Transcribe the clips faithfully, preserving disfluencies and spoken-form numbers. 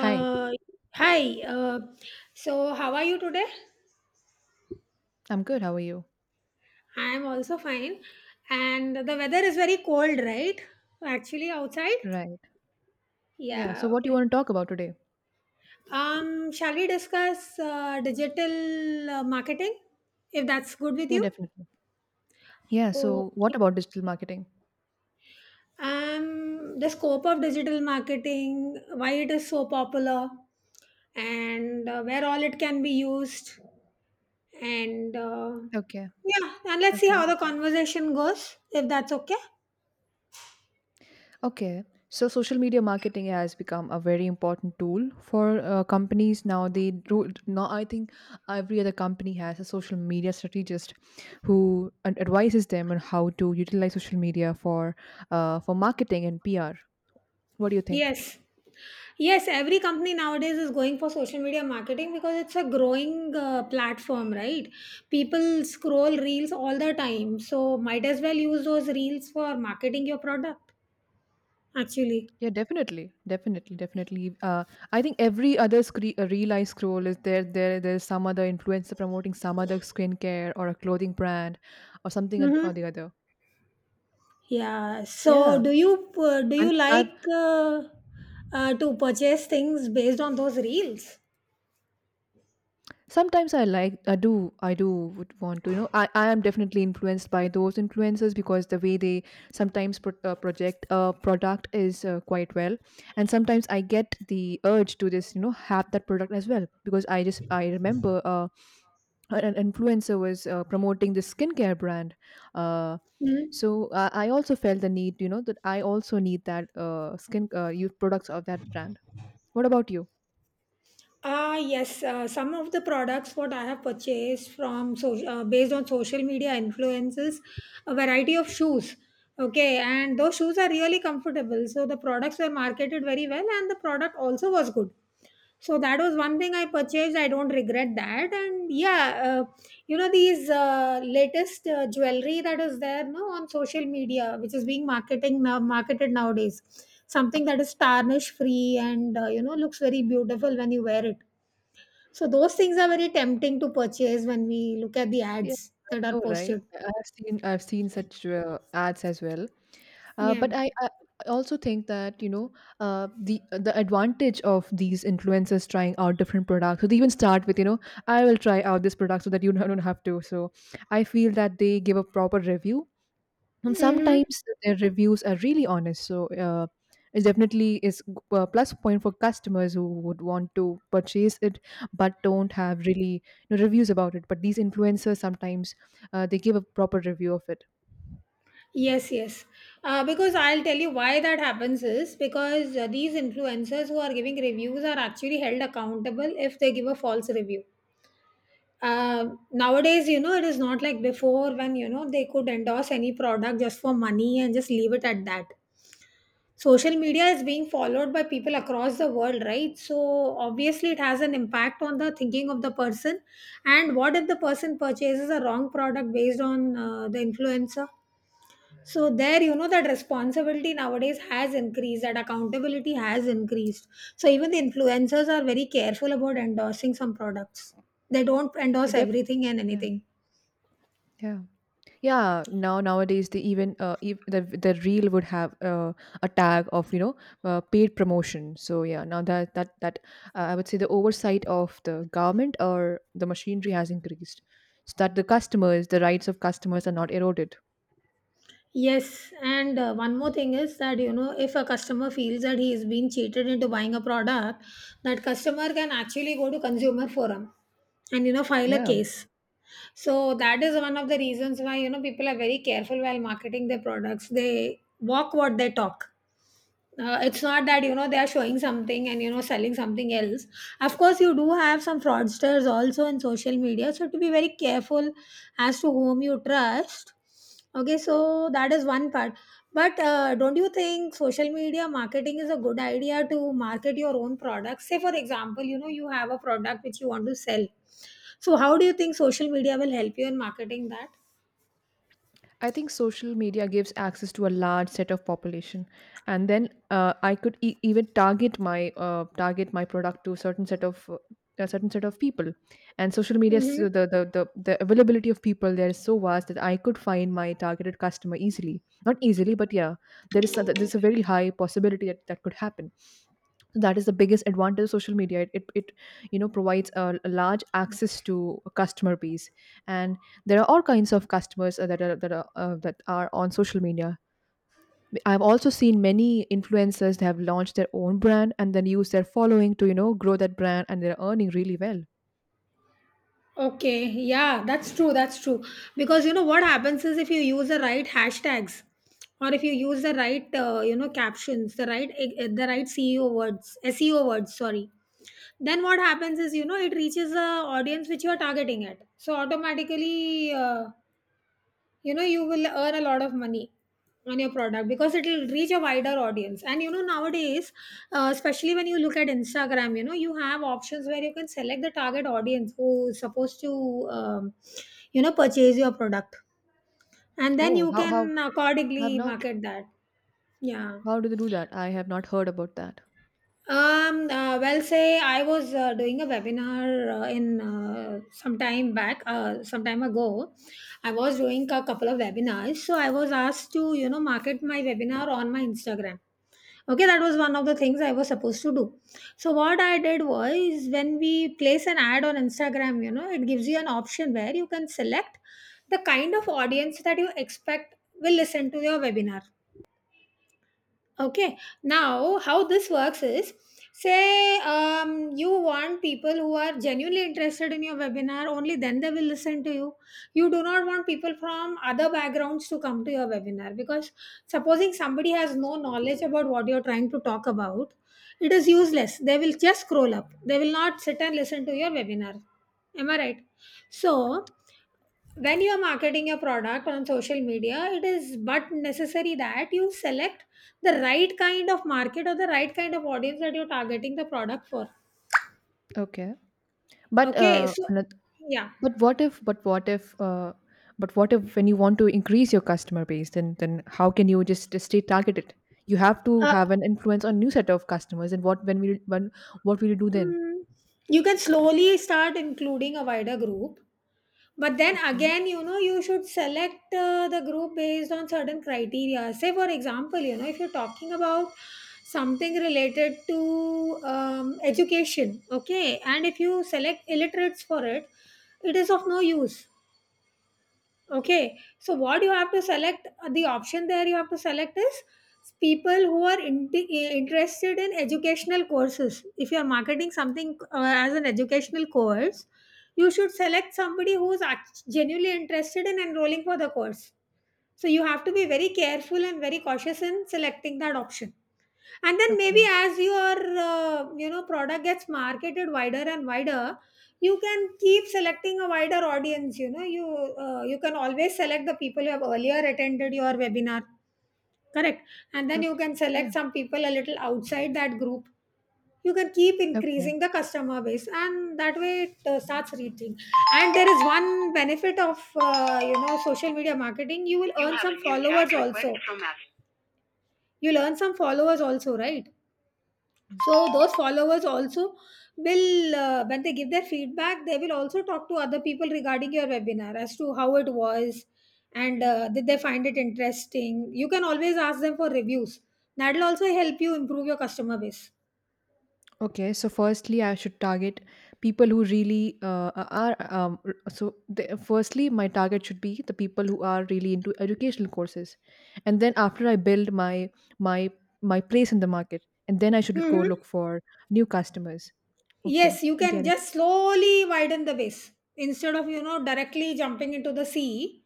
Hi, Hi. Uh, so how are you today? I'm good. How are you? I am also fine. And the weather is very cold, right? Actually, outside. Right. Yeah. So, Yeah. what do you Okay. want to talk about today? Um, shall we discuss uh, digital uh, marketing, if that's good with Yeah, you? definitely. Yeah. So, what Okay. about digital marketing? Um, the scope of digital marketing, why it is so popular, and uh, where all it can be used. And uh, Okay. Yeah, and let's see Okay. how the conversation goes, if that's okay. Okay. So, social media marketing has become a very important tool for uh, companies now. They do now. I think every other company has a social media strategist who ad- advises them on how to utilize social media for uh, for marketing and P R. What do you think? Yes. Yes, every company nowadays is going for social media marketing because it's a growing uh, platform, right? People scroll reels all the time. So, might as well use those reels for marketing your product, actually. Yeah, definitely, definitely, definitely. Uh, I think every other scre- uh, reel I scroll is there. There, there's some other influencer promoting some other skincare or a clothing brand, or something oth- or Mm-hmm. the other. Yeah. So, Yeah, do you uh, do and you I've like uh, uh, to purchase things based on those reels? sometimes I like I do I do would want to you know I I am definitely influenced by those influencers because the way they sometimes pro- uh, project a product is uh, quite well, and sometimes I get the urge to this you know have that product as well because I just I remember uh, an an influencer was uh, promoting this skincare brand. uh, so I, I also felt the need you know that I also need that uh, skin uh, you products of that brand. What about you? Ah yes, uh, some of the products what I have purchased from so uh, based on social media influences, a variety of shoes. Okay, and those shoes are really comfortable. So the products were marketed very well, and the product also was good. So that was one thing I purchased. I don't regret that. And yeah, uh, you know these uh, latest uh, jewelry that is there, no, on social media, which is being marketing now, marketed nowadays. Something that is tarnish free and uh, you know looks very beautiful when you wear it. So those things are very tempting to purchase when we look at the Yeah, ads I that are know right. posted. I- i've seen i've seen such uh, ads as well. uh, Yeah. But I, I I also think that you know uh, the the advantage of these influencers trying out different products. So they even start with you know I will try out this product so that you don't have to. So I feel that they give a proper review, and Mm-hmm. sometimes their reviews are really honest. So uh, it definitely is a plus point for customers who would want to purchase it but don't have really, you know, reviews about it. But these influencers sometimes uh, they give a proper review of it. Yes, yes. Uh, because I'll tell you why that happens is because uh, these influencers who are giving reviews are actually held accountable if they give a false review. Uh, Nowadays, you know, it is not like before when, you know, they could endorse any product just for money and just leave it at that. Social media is being followed by people across the world, right? So obviously, it has an impact on the thinking of the person. And what if the person purchases a wrong product based on uh, the influencer? So there, you know, that responsibility nowadays has increased, that accountability has increased. So even the influencers are very careful about endorsing some products. They don't It endorse def- everything and yeah, anything. yeah, yeah, now nowadays they even uh, ev- the the reel would have uh, a tag of, you know uh, paid promotion. So yeah, now that that that uh, I would say the oversight of the government or the machinery has increased, so that the customers, the rights of customers are not eroded. Yes, and uh, one more thing is that you know if a customer feels that he is being cheated into buying a product, that customer can actually go to consumer forum and you know file a Yeah. case. So that is one of the reasons why you know people are very careful while marketing their products. They walk what they talk, uh, it's not that you know they are showing something and you know selling something else. Of course you do have some fraudsters also in social media, so to be very careful as to whom you trust. Okay, so that is one part, but uh, don't you think social media marketing is a good idea to market your own products? Say for example you know you have a product which you want to sell, so how do you think social media will help you in marketing that? I think social media gives access to a large set of population, and then uh, I could e- even target my uh, target my product to a certain set of uh, a certain set of people. And social media, Mhm. so the, the the the availability of people there is so vast that I could find my targeted customer easily. Not easily, but yeah, there is a, there's a very high possibility that that could happen. That is the biggest advantage of social media. It, it, it you know provides a, a large access to a customer base, and there are all kinds of customers uh, that are that are uh, that are on social media. I've also seen many influencers that have launched their own brand and then use their following to you know grow that brand, and they're earning really well. Okay, yeah, that's true, that's true. Because you know what happens is if you use the right hashtags or if you use the right uh, you know captions, the right eh, eh, the right C E O words, S E O words, sorry. Then what happens is you know it reaches the audience which you are targeting at. So automatically uh, you know you will earn a lot of money on your product because it will reach a wider audience. And you know nowadays, uh, especially when you look at instagram, you know you have options where you can select the target audience who is supposed to, um, you know, purchase your product, and then Oh, you how how can I have accordingly not market that. Yeah. how do they do that? I have not heard about that. Um, uh, well, say I was uh, doing a webinar uh, in uh, some time back, uh, some time ago. I was doing a couple of webinars, so I was asked to, you know, market my webinar on my Instagram. Okay, that was one of the things I was supposed to do. So what I did was when we place an ad on Instagram, you know, it gives you an option where you can select the kind of audience that you expect will listen to your webinar. Okay, now how this works is, say um, you want people who are genuinely interested in your webinar, only then they will listen to you. You do not want people from other backgrounds to come to your webinar because supposing somebody has no knowledge about what you're trying to talk about, it is useless. They will just scroll up, they will not sit and listen to your webinar. Am I right? So, when you are marketing your product on social media, it is but necessary that you select the right kind of market or the right kind of audience that you're targeting the product for. Okay. But Okay, uh, so anoth- yeah, but what if but what if uh, but what if when you want to increase your customer base, then then how can you just, just stay targeted? You have to uh, have an influence on new set of customers. And what when we when what will you do then? mm, you can slowly start including a wider group, but then Okay. again, you know, you should select uh, the group based on certain criteria. Say, for example, you know, if you're talking about something related to um, education, okay, and if you select illiterates for it, it is of no use. Okay, so what you have to select, uh, the option there you have to select is people who are in, interested in educational courses. If you are marketing something uh, as an educational course, you should select somebody who is act- genuinely interested in enrolling for the course. So you have to be very careful and very cautious in selecting that option, and then maybe Okay. as your uh, you know product gets marketed wider and wider, you can keep selecting a wider audience. You know you, uh, you can always select the people who have earlier attended your webinar, correct, and then you Okay. can Yeah. select some people a little outside that group. You can keep Okay. increasing the customer base and that way it uh, starts reaching. And there is one benefit of uh, you know social media marketing, you will You earn have some a new chat followers contact request also from us. You'll earn some followers also, right? So those followers also will, uh, when they give their feedback, they will also talk to other people regarding your webinar as to how it was and uh, did they find it interesting. You can always ask them for reviews. That will also help you improve your customer base. Okay, so firstly, I should target people who really uh, are. Um, r- so, the, firstly, my target should be the people who are really into educational courses, and then after I build my my my place in the market, and then I should go Mm-hmm. look for new customers. Okay, Yes, you can get it. just slowly widen the base instead of you know directly jumping into the sea.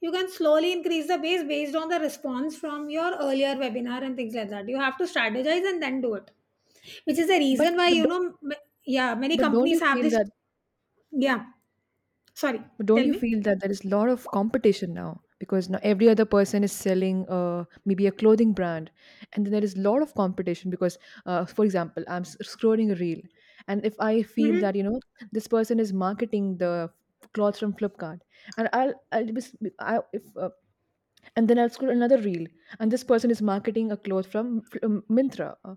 You can slowly increase the base based on the response from your earlier webinar and things like that. You have to strategize and then do it, which is the But reason why but you don't, know, m- yeah, many but don't you companies have feel this. that Yeah, sorry, But don't tell you me. feel that there is a lot of competition now? Because now every other person is selling uh, maybe a clothing brand, and then there is a lot of competition. Because, uh, for example, I'm s- scrolling a reel, and if I feel Hmm. that you know this person is marketing the clothes from Flipkart, and I'll I'll be s- I, if uh, and then I'll scroll another reel, and this person is marketing a cloth from Fl- um, Myntra. Uh,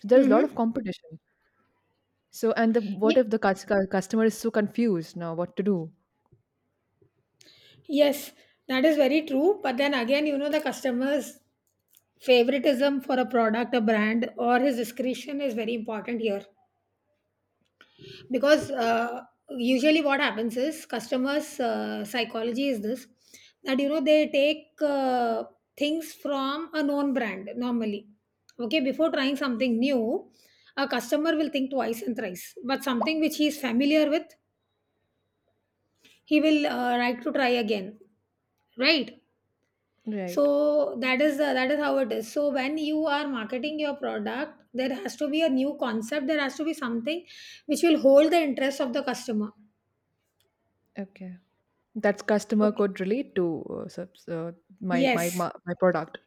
So there is a lot of Mm-hmm. competition. So and the, what Ye- if the cus- cu- customer is so confused now what to do? Yes, that is very true. But then again, you know, the customer's favoritism for a product, a brand, or his discretion is very important here. Because uh, Usually what happens is customers uh, psychology is this, that you know they take uh, things from a known brand normally, okay, before trying something new. A customer will think twice and thrice, but something which he is familiar with he will uh, like to try again, right? Right. So that is uh, that is how it is. So when you are marketing your product there has to be a new concept, there has to be something which will hold the interest of the customer. Okay. That's customer Okay, could relate to uh, subs, uh, my, my yes. my my product.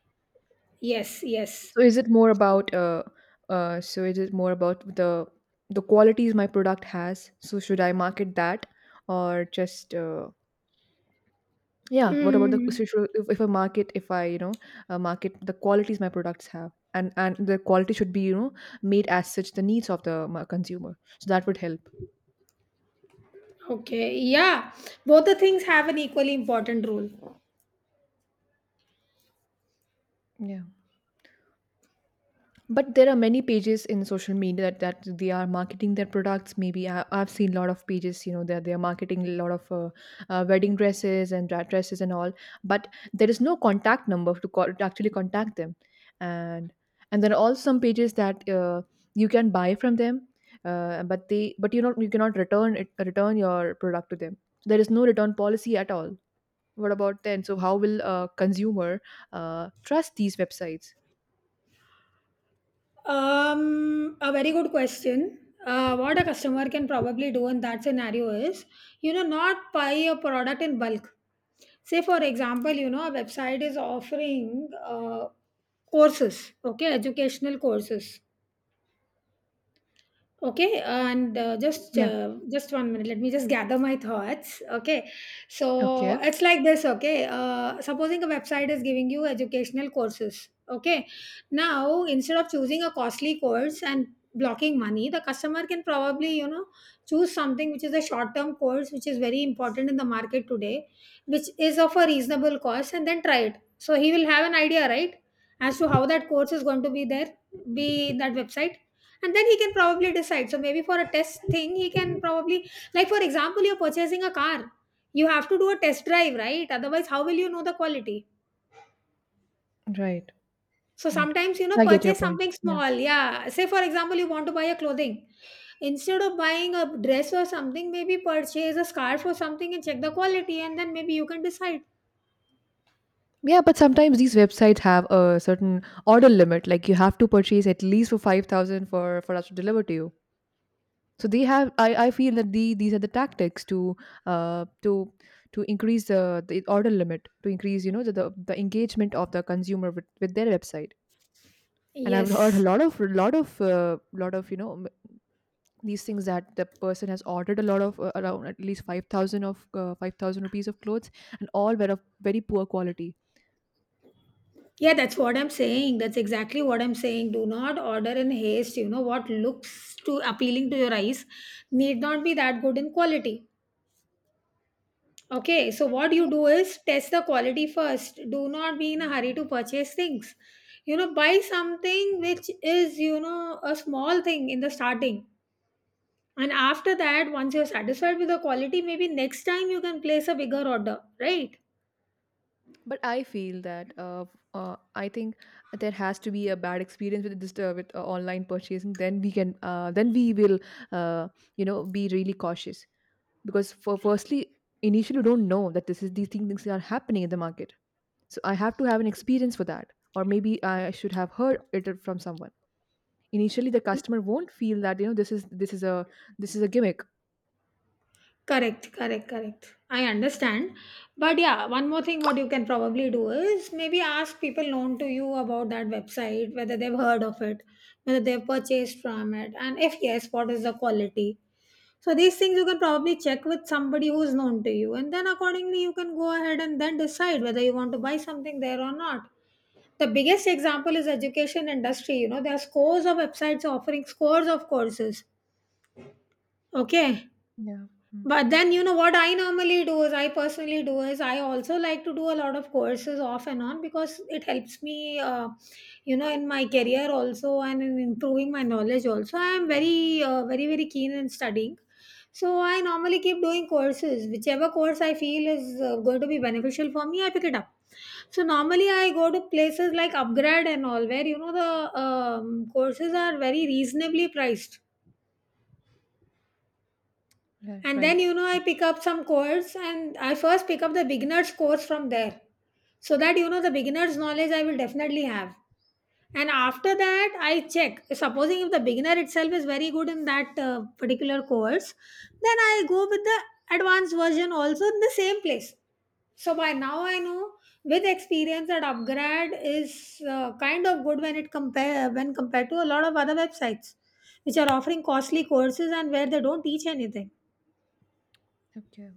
Yes, yes. So is it more about uh uh so is it more about the the qualities my product has? So should I market that, or just uh, yeah. What about the, so Hmm. should- if, if I market if I you know uh, market the qualities my products have, and and the quality should be, you know made as such the needs of the ma- consumer, so that would help. Okay. Yeah. Both the things have an equally important role. Yeah, but there are many pages in social media that, that they are marketing their products. Maybe I, I've seen a lot of pages, you know that they are marketing a lot of uh, uh, wedding dresses and dra- dresses and all, but there is no contact number to, co- to actually contact them. And and there are also some pages that uh, you can buy from them, uh, but they but you not you cannot return it return your product to them. There is no return policy at all. What about then, so how will a consumer uh, trust these websites? Um, a very good question. Uh, what a customer can probably do in that scenario is, you know, not buy a product in bulk. Say, for example, you know, a website is offering uh, courses, okay, educational courses. Okay, and uh, just Yeah. uh, just one minute. Let me just gather my thoughts. Okay, so Okay. it's like this. Okay, uh, supposing a website is giving you educational courses. Okay, now instead of choosing a costly course and blocking money, the customer can probably you know choose something which is a short term course which is very important in the market today, which is of a reasonable cost, and then try it. So he will have an idea, right, as to how that course is going to be there, be in that website, and then he can probably decide. So maybe for a test thing he can probably, like for example you're purchasing a car, you have to do a test drive, right? Otherwise how will you know the quality? Right. So Right. sometimes you know I get your purchase point. something Yeah. small. Yeah, say for example you want to buy a clothing, instead of buying a dress or something maybe purchase a scarf or something and check the quality and then maybe you can decide. Yeah, but sometimes these websites have a certain order limit. Like you have to purchase at least for five thousand for for us to deliver to you. So they have, I, I feel that the these are the tactics to uh to to increase the, the order limit, to increase, you know, the, the, the engagement of the consumer with, with their website. And I've heard a Yes. lot of a lot of uh, lot of, you know, m- these things, that the person has ordered a lot of uh, around at least five thousand of uh, five thousand rupees of clothes, and all were of very poor quality. Yeah, that's what I'm saying. That's exactly what I'm saying. Do not order in haste. You know what looks too appealing to your eyes need not be that good in quality. Okay, so what you do is test the quality first. Do not be in a hurry to purchase things. You know, buy something which is, you know, a small thing in the starting. And after that, once you're satisfied with the quality, maybe next time you can place a bigger order, right? But I feel that uh, uh, I think there has to be a bad experience with this uh, with uh, online purchasing. Then we can, uh, then we will, uh, you know be really cautious. Because for firstly, initially, you don't know that this is these thing- things are happening in the market. So I have to have an experience for that, or maybe I should have heard it from someone. Initially, the customer won't feel that, you know this is this is a this is a gimmick. Correct, correct, correct. I understand. But yeah, one more thing what you can probably do is maybe ask people known to you about that website, whether they've heard of it, whether they've purchased from it, and if yes, what is the quality. So these things you can probably check with somebody who's known to you, and then accordingly you can go ahead and then decide whether you want to buy something there or not. The biggest example is education industry. You know, there are scores of websites offering scores of courses. Okay, Yeah. Mm. but then, you know, what I normally do is I personally do is I also like to do a lot of courses off and on because it helps me, uh, you know, in my career also and in improving my knowledge also. I am very, uh, very, very keen in studying. So I normally keep doing courses. Whichever course I feel is uh, going to be beneficial for me, I pick it up. So normally I go to places like Upgrad and all where, you know, the um, courses are very reasonably priced. Yeah. And then, Right. you know, I pick up some course, and I first pick up the beginners course from there, so that, you know, the beginners knowledge I will definitely have. And after that I check, supposing if the beginner itself is very good in that uh, particular course, then I go with the advanced version also in the same place. So by now I know with experience that Upgrad is uh, kind of good when it compare when compared to a lot of other websites which are offering costly courses and where they don't teach anything. Okay.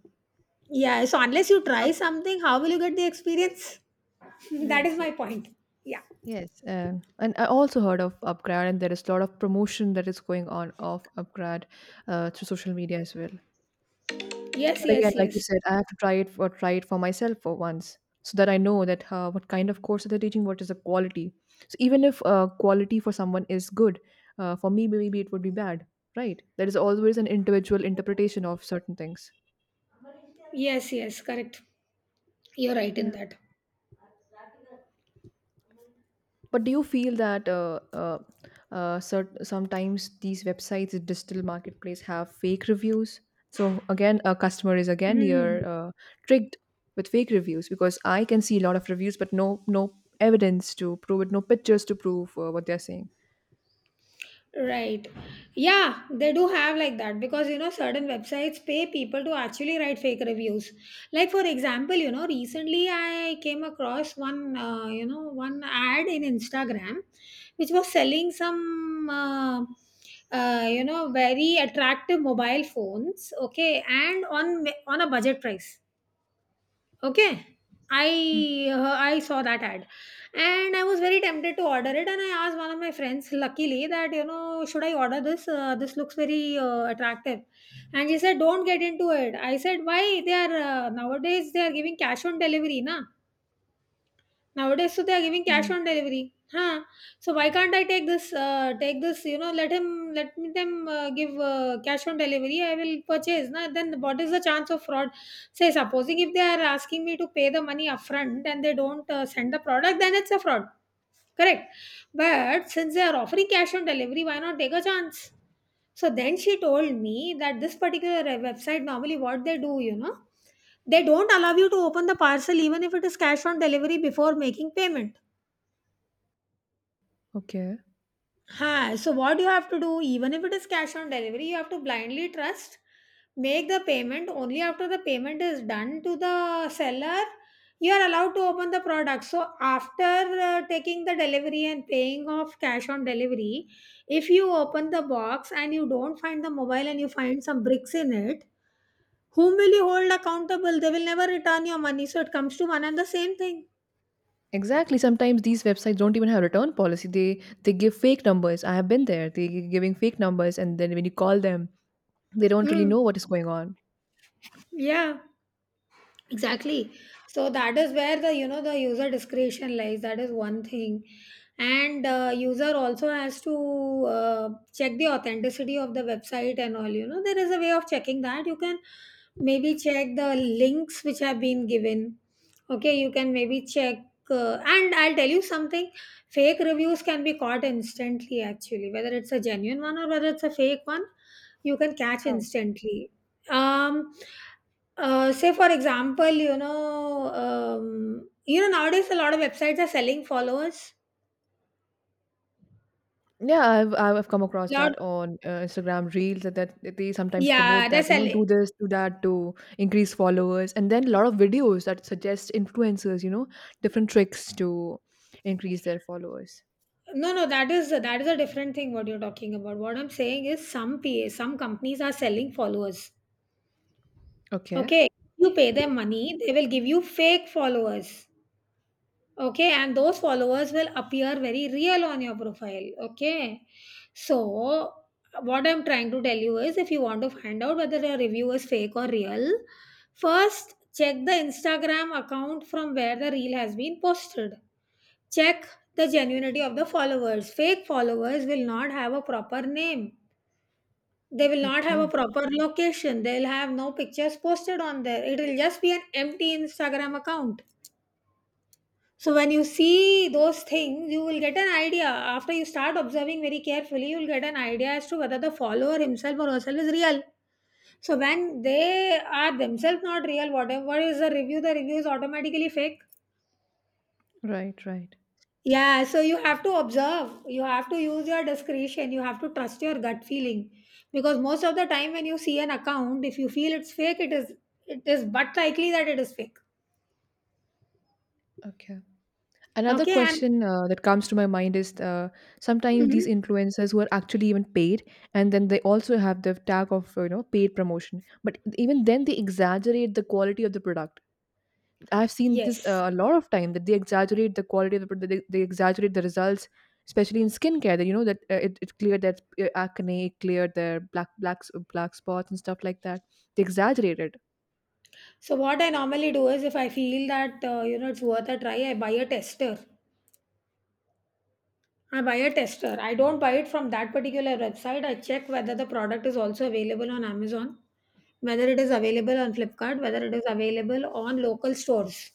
Yeah, so unless you Uh, try something, how will you get the experience? That is Yes. my Yes. point. Yeah. Yes, uh, and I also heard of Upgrad, and there is a lot of promotion that is going on of Upgrad uh, through social media as well. Yes, But again, yes, like you yes. said, I have to try it for try it for myself for once, so that I know that, uh, what kind of course they're teaching, what is the quality. So even if, uh, quality for someone is good, uh, for me maybe it would be bad, right? There is always an individual interpretation of certain things. Yes, yes, correct. You're right in Yeah. that. But do you feel that uh, uh, uh, cert- sometimes these websites, the digital marketplace, have fake reviews? So again, a customer is again Mm. you're uh, tricked with fake reviews, because I can see a lot of reviews, but no no evidence to prove it, no pictures to prove uh, what they're saying. Right. Yeah, they do have like that because, you know, certain websites pay people to actually write fake reviews. Like for example, you know, recently I came across one uh, you know, one ad in Instagram which was selling some uh, uh, you know, very attractive mobile phones, okay, and on on a budget price. Okay. Okay, i Hmm. uh, i saw that ad, and I was very tempted to order it, and I asked one of my friends luckily that, you know, should I order this, uh, this looks very uh, attractive. And she said, don't get into it. I said why? They are, uh, nowadays they are giving cash on delivery, na. Nowadays, so they are giving cash Yeah. on delivery. Huh? So why can't I take this? Uh, take this? You know, let him let me, them, uh, give, uh, cash on delivery. I will purchase. Na, then what is the chance of fraud? Say supposing if they are asking me to pay the money upfront and they don't uh, send the product, then it's a fraud. Correct. But since they are offering cash on delivery, why not take a chance? So then she told me that this particular uh, website, normally what they do, you know, they don't allow you to open the parcel even if it is cash on delivery before making payment. Okay. Huh. So what you have to do, even if it is cash on delivery, you have to blindly trust, make the payment. Only after the payment is done to the seller, you are allowed to open the product. So after uh, taking the delivery and paying off cash on delivery, if you open the box and you don't find the mobile and you find some bricks in it, whom will you hold accountable? They will never return your money. So it comes to one and the same thing. Exactly. Sometimes these websites don't even have return policy. They they give fake numbers. I have been there. They gi- giving fake numbers, and then when you call them, they don't really Mm. know what is going on. Yeah. Exactly. So that is where the, you know, the user discretion lies. That is one thing. And uh, user also has to uh, check the authenticity of the website and all. You know, there is a way of checking that. You can maybe check the links which have been given. Okay, you can maybe check, uh, and I'll tell you something. Fake reviews can be caught instantly, actually, whether it's a genuine one or whether it's a fake one. You can catch instantly. um uh, Say for example, you know, um, you know, nowadays a lot of websites are selling followers. Yeah, I've I've come across Lot. that on uh, Instagram Reels, that, that that they sometimes Yeah, promote they're that, you know, do selling. this, do that to increase followers. And then a lot of videos that suggest influencers, you know, different tricks to increase their followers. No, no, that is, that is a different thing what you're talking about. What I'm saying is some pa some companies are selling followers. Okay. Okay, you pay them money, they will give you fake followers. Okay, and those followers will appear very real on your profile. Okay, so what I'm trying to tell you is if you want to find out whether a review is fake or real, first check the Instagram account from where the reel has been posted. Check the genuinity of the followers. Fake followers will not have a proper name, they will not have Okay. a proper location. They'll have no pictures posted on there. It will just be an empty Instagram account. So when you see those things, you will get an idea. After you start observing very carefully, you'll get an idea as to whether the follower himself or herself is real. So when they are themselves not real, whatever is the review, the review is automatically fake. Right, right. Yeah, so you have to observe, you have to use your discretion, you have to trust your gut feeling, because most of the time when you see an account, if you feel it's fake, it is it is but likely that it is fake. Okay. Another Okay, and question uh, that comes to my mind is, uh, sometimes these mhm. influencers who are actually even paid, and then they also have the tag of, you know, paid promotion. But even then they exaggerate the quality of the product. I've seen this, Yes. uh, a lot of time that they exaggerate the quality of the product. They, they exaggerate the results, especially in skincare. That, you know that uh, it, it cleared that, uh, acne, it cleared their black black black spots and stuff like that. They exaggerate it. So what I normally do is if I feel that, uh, you know, it's worth a try, I buy a tester. I buy a tester. I don't buy it from that particular website. I check whether the product is also available on Amazon, whether it is available on Flipkart, whether it is available on local stores.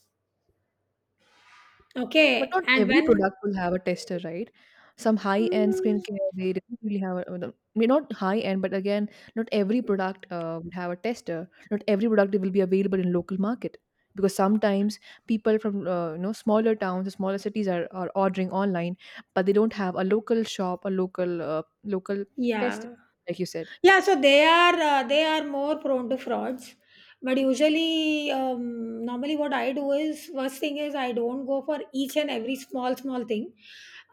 But Okay, not and every when product will have a tester, right? Some high-end mm, skincare, they don't really have a, the- may not high-end, but again, not every product uh, would have a tester. Not every product will be available in local market because sometimes people from uh, you know smaller towns, smaller cities are, are ordering online, but they don't have a local shop, a local uh, local yeah. tester, like you said. Yeah, so they are, uh, they are more prone to frauds. But usually, um, normally what I do is, first thing is I don't go for each and every small small thing.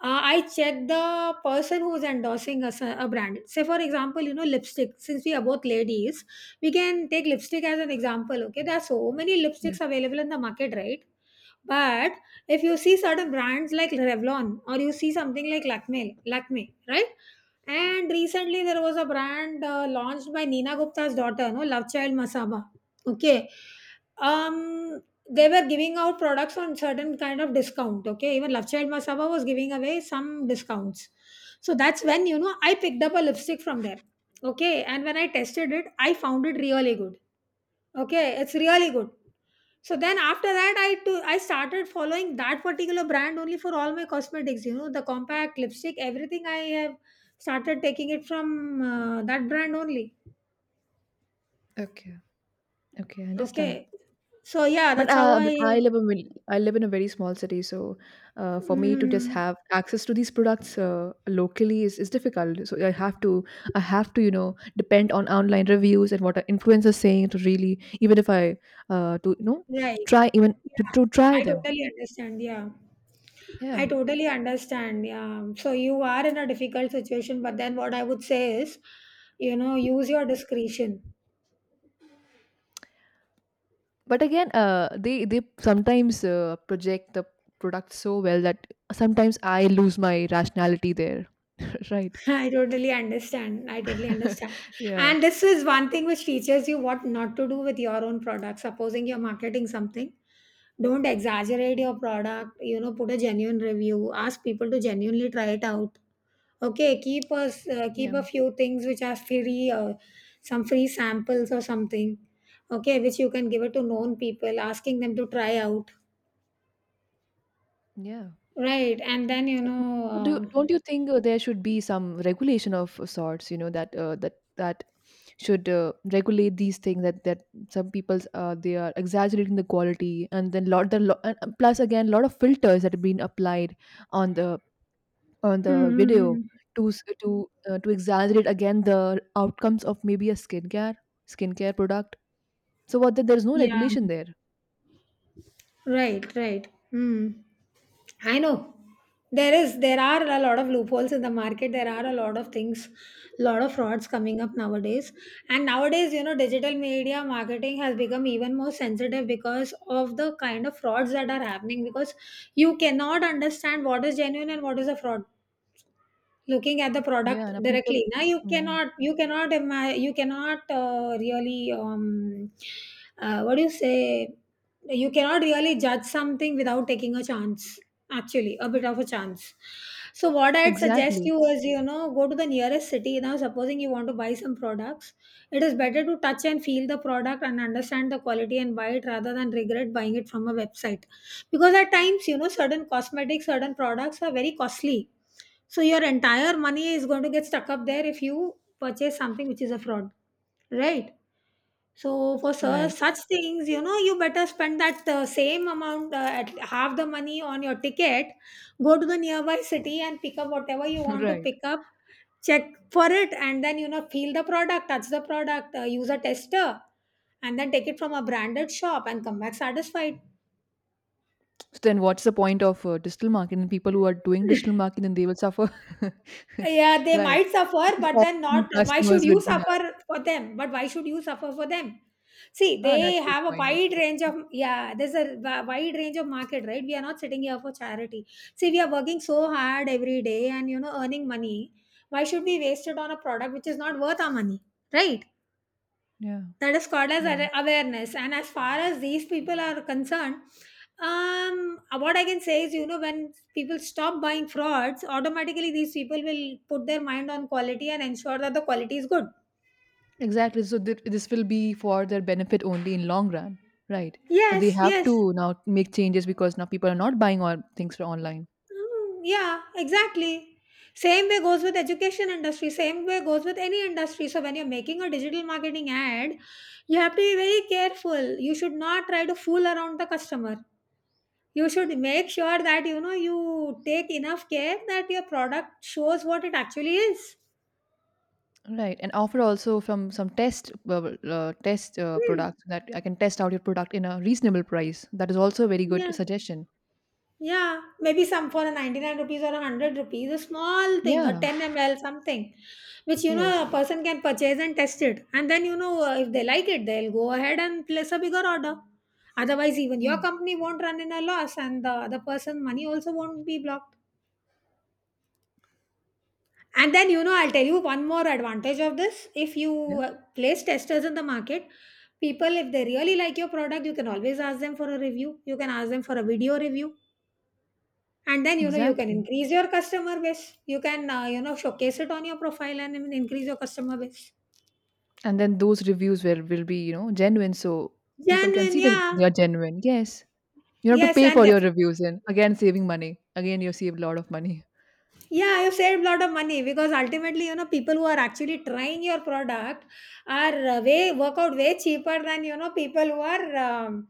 Uh, I check the person who's endorsing a, s- a brand. Say for example, you know, lipstick. Since we are both ladies, we can take lipstick as an example. Okay, there are so many Yeah. lipsticks available in the market, right? But if you see certain brands like Revlon or you see something like Lakme, Lakme, right? And recently, there was a brand uh, launched by Nina Gupta's daughter, no, Love Child Masaba. Okay, um, they were giving out products on certain kind of discount. Okay, even Love Child Masaba was giving away some discounts. So that's when, you know, I picked up a lipstick from there. Okay, and when I tested it, I found it really good. Okay, it's really good. So then after that I to I started following that particular brand only for all my cosmetics, you know, the compact, lipstick, everything I have started taking it from uh, that brand only. Okay. Okay. I understand. Okay. So yeah, But that's how uh, But I I live in vil- I live in a very small city, so uh, for me to just mm, have access to these products uh, locally is, is difficult. So I have to I have to you know depend on online reviews and what are influencers saying to really even if I uh, to you know right. try even to, Yeah. to try I them. totally understand. Yeah. I Yeah, totally understand. Yeah. So you are in a difficult situation, but then what I would say is, you know, use your discretion. but again, uh, they they sometimes uh, project the product so well that sometimes I lose my rationality there. Right? I totally understand. I totally understand. Yeah. And this is one thing which teaches you what not to do with your own product. Supposing you're marketing something, don't exaggerate your product. You know, put a genuine review. Ask people to genuinely try it out. Okay, keep us, uh, keep a Yeah. few things which are free, uh, some free samples or something. Okay, which you can give it to known people, asking them to try out. Yeah. Right, and then, you So, know, do don't uh, you think uh, there should be some regulation of sorts, you know, that uh, that that should uh, regulate these things that that some people's uh, they are exaggerating the quality, and then lot the lo- and and plus again lot of filters that have been applied on the on mm, the mm, video mm. to s- to uh, to exaggerate again the outcomes of maybe a skincare skincare product. So what that there's no Yeah. regulation there. Right, right. Hmm. I know. There is there are a lot of loopholes in the market. There are a lot of things, lot of frauds coming up nowadays. And nowadays, you know, digital media marketing has become even more sensitive because of the kind of frauds that are happening, because you cannot understand what is genuine and what is a fraud. Looking at the Yeah, product now people, directly, now you yeah, cannot you cannot ima- you cannot, uh, really, um, uh, what do you say? You cannot really judge something without taking a chance. Actually, a bit of a chance. So what I'd suggest exactly. you is, you know, go to the nearest city. Now, supposing you want to buy some products, it is better to touch and feel the product and understand the quality and buy it rather than regret buying it from a website because at times you know certain cosmetics certain products are very costly, so your entire money is going to get stuck up there if you purchase something which is a fraud, right? So for su- Right. such things, you know, you better spend that uh, same amount, uh, at half the money on your ticket, go to the nearby city and pick up whatever you want to Right. pick up, check for it, and then you know feel the product, touch the product, uh, use a tester, and then take it from a branded shop and come back satisfied. So then what's the point of uh, digital marketing? People who are doing digital marketing, they will suffer. Yeah, they Right. might suffer, If but all then the not. Why customers should you would do that. suffer for them? But why should you suffer for them? See, Ah, they that's a good have a point. That's a wide good range point. of, yeah. There's a wi- wide range of market, right? We are not sitting here for charity. See, we are working so hard every day and you know earning money. Why should we waste it on a product which is not worth our money, right? Yeah, That is called as right. ar- awareness. And as far as these people are concerned, um, what I can say is, you know, when people stop buying frauds, automatically these people will put their mind on quality and ensure that the quality is good. Exactly. So th- this will be for their benefit only in long run, right? That they Yes, have yes. to now make changes because now people are not buying all things for online. Mm, yeah, exactly. Same way goes with education industry, same way goes with any industry. So when you're making a digital marketing ad, you have to be very careful. You should not try to fool around the customer. You should make sure that you know you take enough care that your product shows what it actually is. Right, and offer also from some test uh, uh, test uh, Hmm. products that I can test out your product in a reasonable price. That is also a very good Yeah. suggestion. Yeah, maybe some for a 99 rupees or a 100 rupees, a small thing, a Yeah. ten m l, something, which you know Yes. a person can purchase and test it. And then, you know, uh, if they like it, they'll go ahead and place a bigger order. Otherwise, even Yeah. your company won't run in a loss and the other person money also won't be blocked. And then, you know, I'll tell you one more advantage of this. If you uh, place testers in the market, people, if they really like your product, you can always ask them for a review. You can ask them for a video review. And then, you know, you can Exactly. increase your customer base. You can, uh, you know, showcase it on your profile and even increase your customer base. And then those reviews will will be, you know, genuine, so people can Genuine, see that yeah. they are genuine. Yes. You don't have to Yes, pay and for your def- reviews and again saving money. Again you save a lot of money. yeah, you saved a lot of money because ultimately, you know, people who are actually trying your product are uh, way work out way cheaper than you know people who are, um,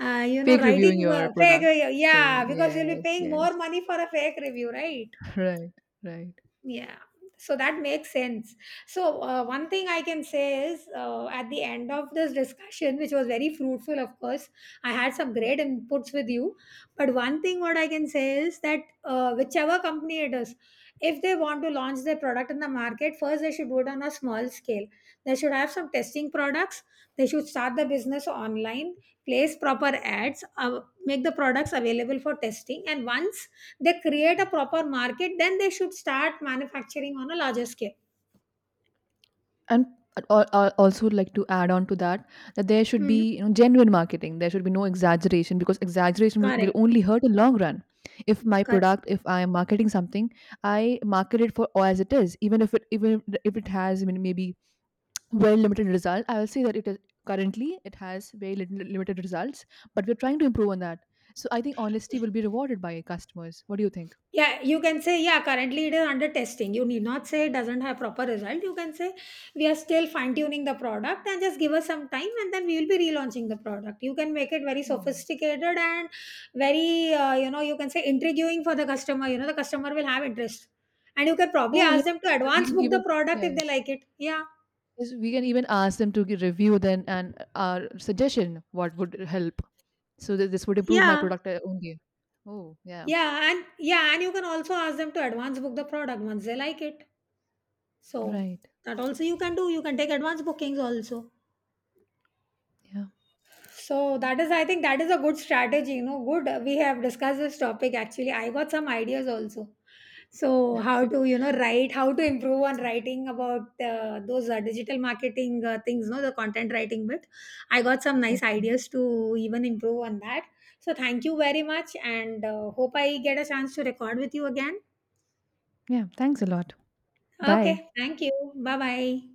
uh, you know, Fake reviewing writing your uh, fake. product. Yeah, Right. because you'll be Yes, paying yes. more money for a fake review, right? Right, right. Yeah, so that makes sense. So, uh, one thing I can say is uh, at the end of this discussion, which was very fruitful, of course, I had some great inputs with you. But one thing what I can say is that uh, whichever company it is, if they want to launch their product in the market, first they should do it on a small scale. They should have some testing products, they should start the business online, place proper ads, uh, make the products available for testing, and once they create a proper market, then they should start manufacturing on a larger scale. And I'd al- al- also like to add on to that that there should be Hmm. you know genuine marketing. There should be no exaggeration because exaggeration will will Correct. only hurt in long run. If my Correct. product, if I am marketing something, I market it for or as it is, even if it even if it has I mean, maybe very limited result. I will say that it is currently it has very lit- limited results, but we're trying to improve on that. So I think honesty will be rewarded by customers. What do you think? Yeah, you can say, yeah, currently it is under testing. You need not say it doesn't have proper result. You can say we are still fine tuning the product and just give us some time and then we will be relaunching the product. You can make it very Yeah. sophisticated and very, uh, you know, you can say intriguing for the customer. You know, the customer will have interest. And you can probably Oh, yeah. ask them to We advance can book the even product if they yes, like it. Yeah. yes we can even ask them to gi- review then and our suggestion what would help. So that this would improve my Yeah. product uh, only. Oh yeah, Yeah, and yeah, and you can also ask them to advance book the product once they like it. So right. that also you can do. You can take advance bookings also. Yeah. So that is, I think, that is a good strategy. You know, good. We have discussed this topic actually. I got some ideas also. So how Okay. to you know write, how to improve on writing about uh, those uh, digital marketing uh, things, no, the content writing bit. I got some nice Okay. ideas to even improve on that. So thank you very much, and uh, hope I get a chance to record with you again. Yeah. Thanks a lot. Bye. Okay, thank you. Bye bye.